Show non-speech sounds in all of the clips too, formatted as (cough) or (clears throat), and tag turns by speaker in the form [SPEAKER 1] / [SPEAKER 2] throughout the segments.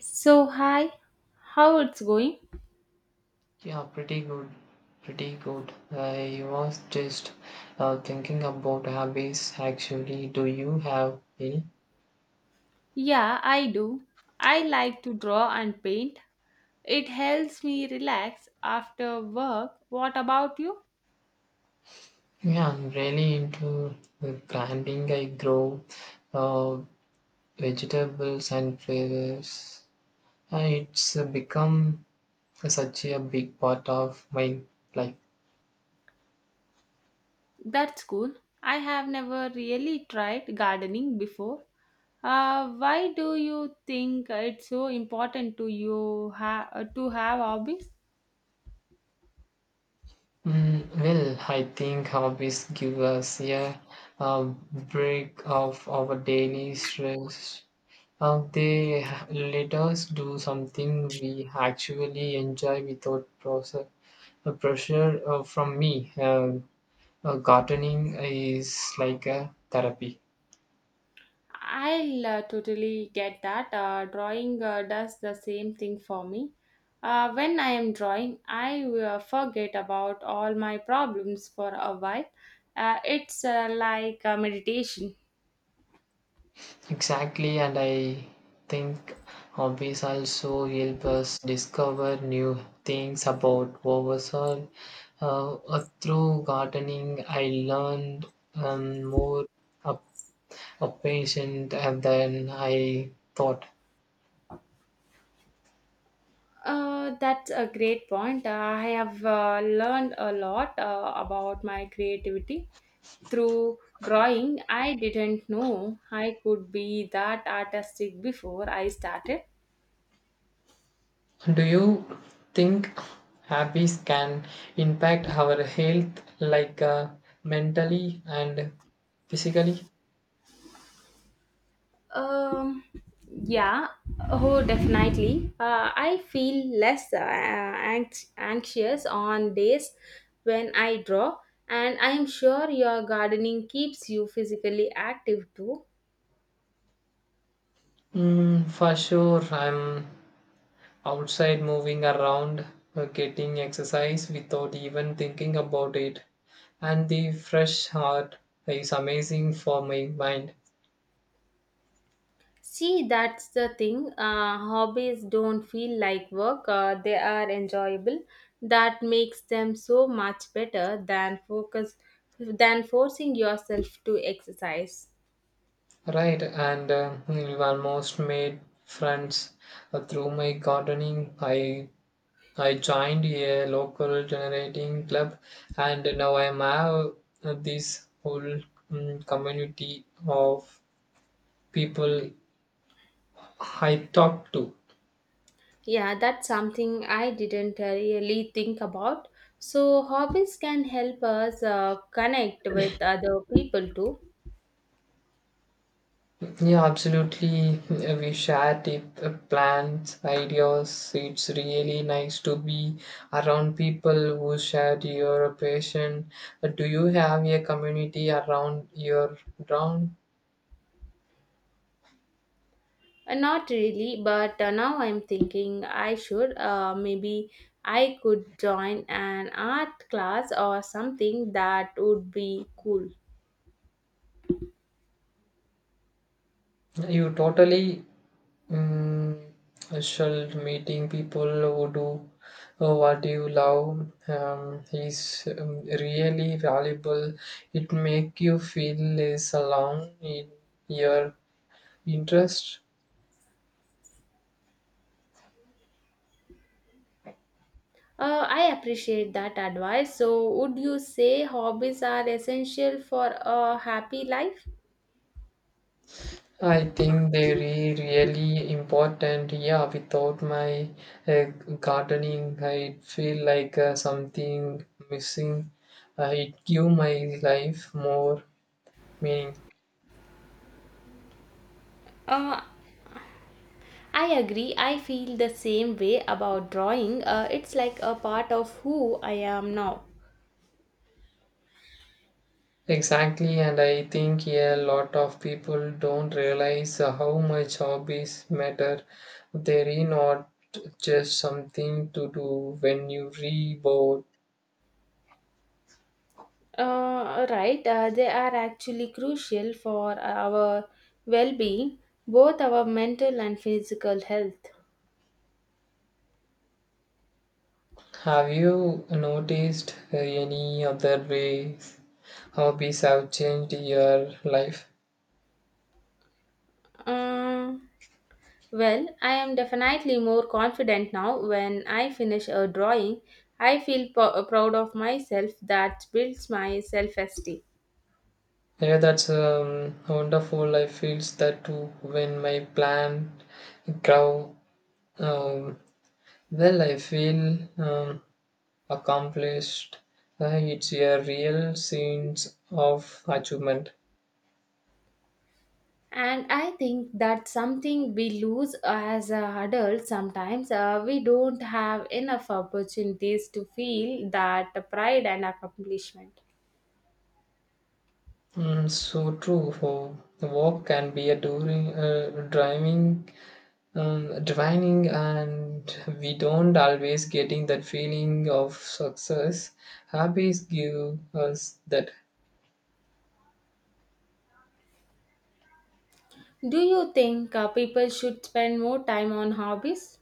[SPEAKER 1] So, hi, how it's going?
[SPEAKER 2] Yeah, pretty good. Pretty good. I was just thinking about hobbies actually. Do you have any?
[SPEAKER 1] Yeah, I do. I like to draw and paint. It helps me relax after work. What about you?
[SPEAKER 2] Yeah, I'm really into the planting. I grow uh, vegetables and flowers. It's become such a big part of my life.
[SPEAKER 1] That's cool. I have never really tried gardening before. Why do you think it's so important to you to have hobbies?
[SPEAKER 2] Well, I think hobbies give us a break of our daily stress. They let us do something we actually enjoy without process, pressure from me. Gardening is like a therapy.
[SPEAKER 1] I'll totally get that. Drawing does the same thing for me. When I am drawing, I forget about all my problems for a while. It's like meditation.
[SPEAKER 2] Exactly, and I think hobbies also help us discover new things about ourselves. Through gardening, I learned more a, a patient and then I thought.
[SPEAKER 1] That's a great point. I have learned a lot about my creativity through drawing. I didn't know I could be that artistic before I started.
[SPEAKER 2] Do you think habits can impact our health, like mentally and physically?
[SPEAKER 1] Um, yeah, oh, definitely. I feel less anxious on days when I draw, and I am sure your gardening keeps you physically active too.
[SPEAKER 2] Mm, for sure, I'm outside moving around, getting exercise without even thinking about it. And the fresh heart is amazing for my mind.
[SPEAKER 1] See, that's the thing. Hobbies don't feel like work, they are enjoyable. That makes them so much better than focus than forcing yourself to exercise.
[SPEAKER 2] Right, and I almost made friends through my gardening. I joined a local generating club, and now I am have this whole community of people I talk to.
[SPEAKER 1] Yeah, that's something I didn't really think about. So, hobbies can help us connect with other people too.
[SPEAKER 2] Yeah, absolutely. We share tip, plans, ideas. It's really nice to be around people who share your passion. Do you have a community around your ground?
[SPEAKER 1] Not really, but now I'm thinking I should. Maybe I could join an art class or something that would be cool.
[SPEAKER 2] You totally Mm, Shalt meeting people who do what you love is really valuable. It make you feel less alone in your interest.
[SPEAKER 1] I appreciate that advice. So, would you say hobbies are essential for a happy life?
[SPEAKER 2] I think they're really important. Yeah, without my uh, gardening, I feel like something missing. It give my life more meaning.
[SPEAKER 1] Uh, I agree. I feel the same way about drawing. It's like a part of who I am now.
[SPEAKER 2] Exactly, and I think a lot of people don't realize how much hobbies matter. They're not just something to do when you re.
[SPEAKER 1] Right. They are actually crucial for our well being, both our mental and physical health.
[SPEAKER 2] Have you noticed any other ways hobbies have changed your life?
[SPEAKER 1] Uh, well, I am definitely more confident now when I finish a drawing. I feel proud of myself that builds my self esteem.
[SPEAKER 2] Yeah, that's wonderful. I feels that too when my plant grow. Um, well, I feel accomplished. It's a real sense of achievement.
[SPEAKER 1] And I think that's something we lose as adults sometimes. We don't have enough opportunities to feel that pride and accomplishment.
[SPEAKER 2] Mm, so true. For the walk can be a during driving, driving, and we don't always getting that feeling of success. Hobbies give us that.
[SPEAKER 1] Do you think people should spend more time on hobbies?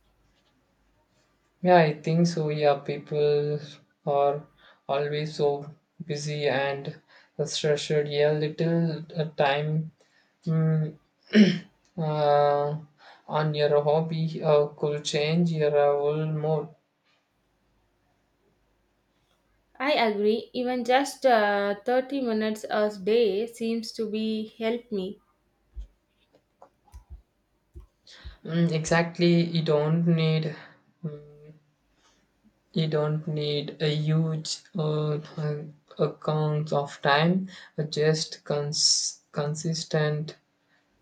[SPEAKER 2] Yeah, I think so. Yeah, people are always so busy and stressed. Yeah, little time mm, (clears throat) uh, on your hobby could change your whole mood.
[SPEAKER 1] I agree, even just 30 minutes a day seems to be help me.
[SPEAKER 2] Mm, exactly, you don't need mm, a huge account of time. Just consistent.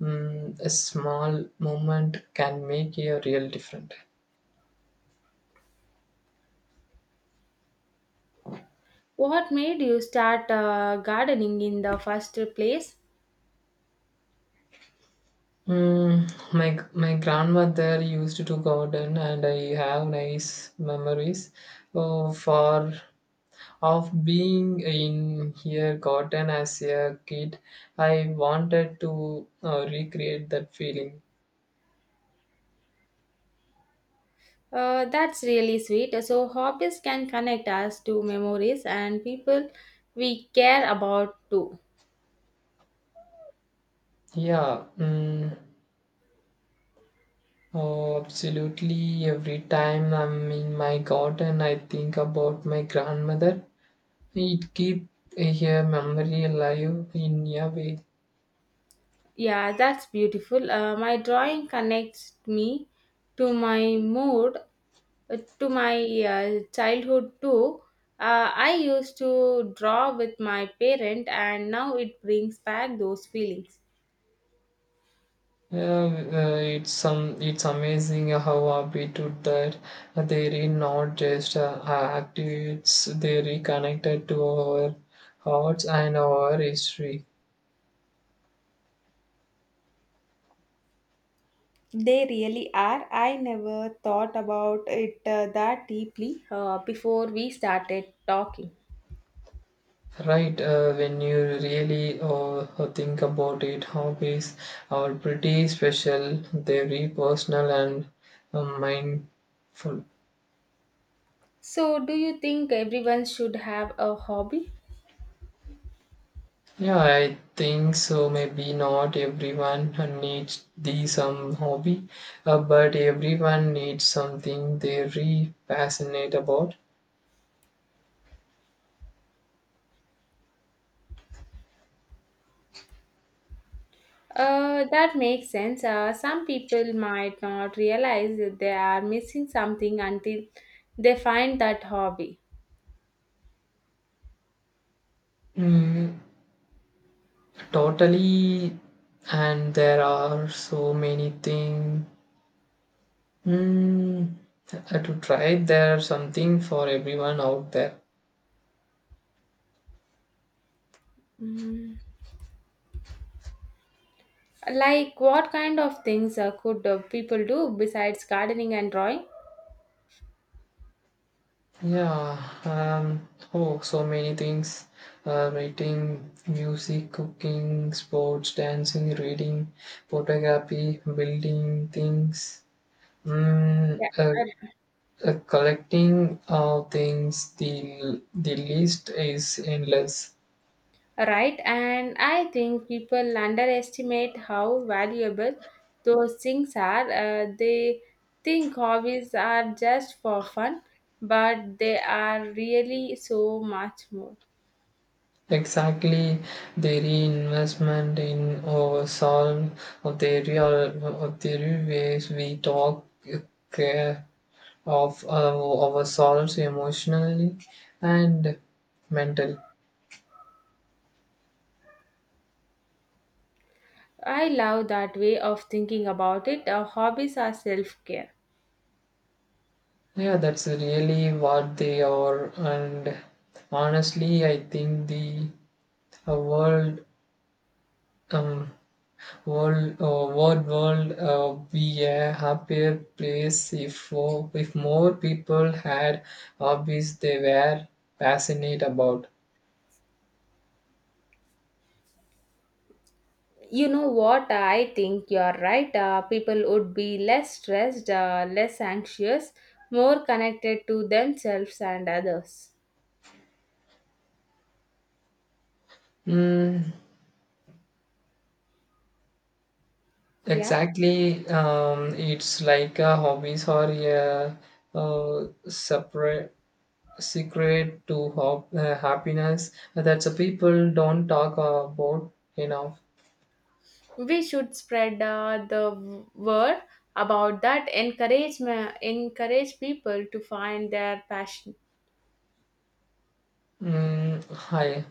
[SPEAKER 2] A small moment can make a real difference.
[SPEAKER 1] What made you start gardening in the first place?
[SPEAKER 2] My grandmother used to garden, and I have nice memories oh, for of being in her garden as a kid. I wanted to recreate that feeling.
[SPEAKER 1] That's really sweet. So, hobbies can connect us to memories and people we care about too.
[SPEAKER 2] Yeah, mm, oh, absolutely. Every time I'm in my garden, I think about my grandmother. It keep a memory alive in a way.
[SPEAKER 1] Yeah, that's beautiful. My drawing connects me to my mood, to my childhood too. I used to draw with my parent, and now it brings back those feelings.
[SPEAKER 2] Yeah, it's some it's amazing how habitude that they are not just activates they reconnected to our hearts and our history.
[SPEAKER 1] They really are. I never thought about it that deeply, before we started talking.
[SPEAKER 2] Right, when you really think about it, hobbies are pretty special. They're very personal and mindful.
[SPEAKER 1] So, do you think everyone should have a hobby?
[SPEAKER 2] Yeah, I think so. Maybe not everyone needs the some hobby, but everyone needs something they're really passionate about.
[SPEAKER 1] That makes sense. Some people might not realize that they are missing something until they find that hobby.
[SPEAKER 2] Mm, totally, and there are so many things mm, to try. There's something for everyone out there.
[SPEAKER 1] Mm. Like, what kind of things could people do besides gardening and drawing?
[SPEAKER 2] Yeah, oh, so many things. Writing, music, cooking, sports, dancing, reading, photography, building things, mm, uh,
[SPEAKER 1] Yeah,
[SPEAKER 2] collecting things. The list is endless.
[SPEAKER 1] right, and I think people underestimate how valuable those things are. They think hobbies are just for fun, but they are really so much more.
[SPEAKER 2] Exactly, the reinvestment in our soul of the real ways we talk, uh, care, of ourselves emotionally and mentally.
[SPEAKER 1] I love that way of thinking about it. Hobbies are self care.
[SPEAKER 2] Yeah, that's really what they are. And honestly, I think the uh, world, um, world, uh, world, be a happier place if more people had hobbies they were passionate about.
[SPEAKER 1] You know what? I think you're right. People would be less stressed, less anxious, more connected to themselves and others.
[SPEAKER 2] Mm,
[SPEAKER 1] Yeah,
[SPEAKER 2] exactly. It's like a hobbies or a separate secret to happiness that the people don't talk about enough.
[SPEAKER 1] we should spread the word about that, encourage encourage people to find their passion.
[SPEAKER 2] Mm, I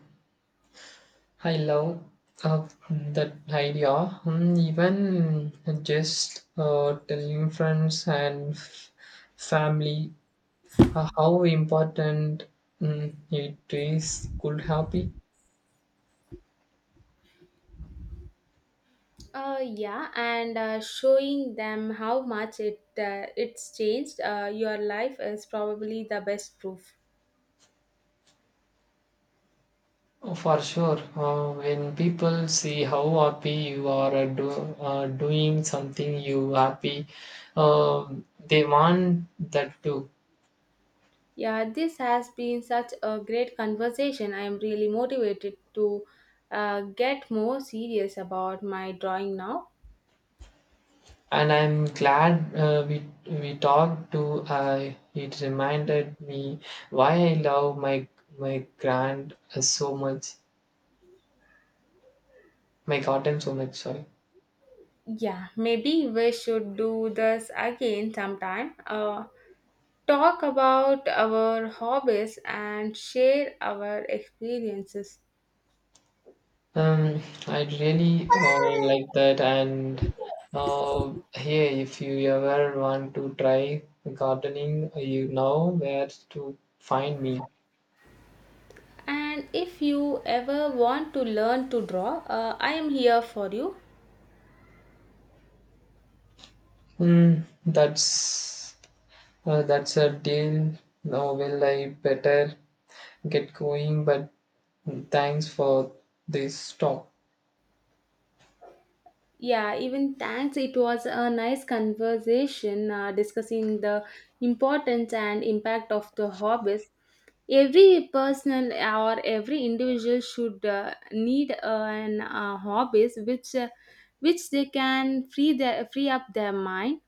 [SPEAKER 2] I love uh, that idea. Mm, even just telling friends and family how important it is could help.
[SPEAKER 1] Uh, yeah, and showing them how much it's changed your life is probably the best proof.
[SPEAKER 2] Oh, for sure, when people see how happy you are doing something you happy, um they want that too.
[SPEAKER 1] Yeah, this has been such a great conversation. I am really motivated to get more serious about my drawing now.
[SPEAKER 2] And I'm glad uh, we we talked to. Uh, it reminded me why I love my grand uh, so much, my garden so much. Sorry.
[SPEAKER 1] Yeah, maybe we should do this again sometime, talk about our hobbies and share our experiences.
[SPEAKER 2] Um, I really like that. And here, if you ever want to try gardening, you know where to find me.
[SPEAKER 1] And if you ever want to learn to draw, I am here for you.
[SPEAKER 2] Mm, that's that's a deal. Now, will I better get going? But thanks for this talk.
[SPEAKER 1] Yeah, even thanks. It was a nice conversation discussing the importance and impact of the hobbies. Every person or every individual should need an hobbies which they can free up their mind.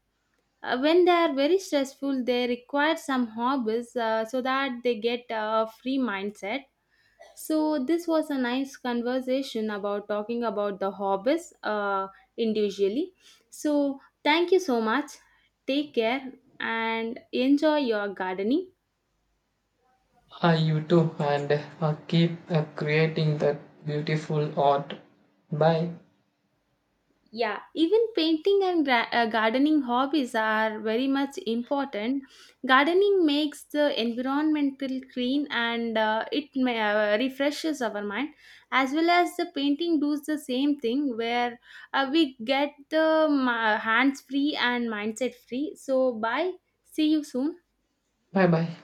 [SPEAKER 1] When they are very stressful, they require some hobbies so that they get a free mindset. So this was a nice conversation about talking about the hobbies, individually. So thank you so much. Take care and enjoy your gardening.
[SPEAKER 2] You too, and keep creating that beautiful art. Bye.
[SPEAKER 1] Yeah, even painting and gardening hobbies are very much important. Gardening makes the environmental clean and it may refreshes our mind, as well as the painting does the same thing where we get the hands free and mindset free. So, bye. See you soon.
[SPEAKER 2] Bye bye.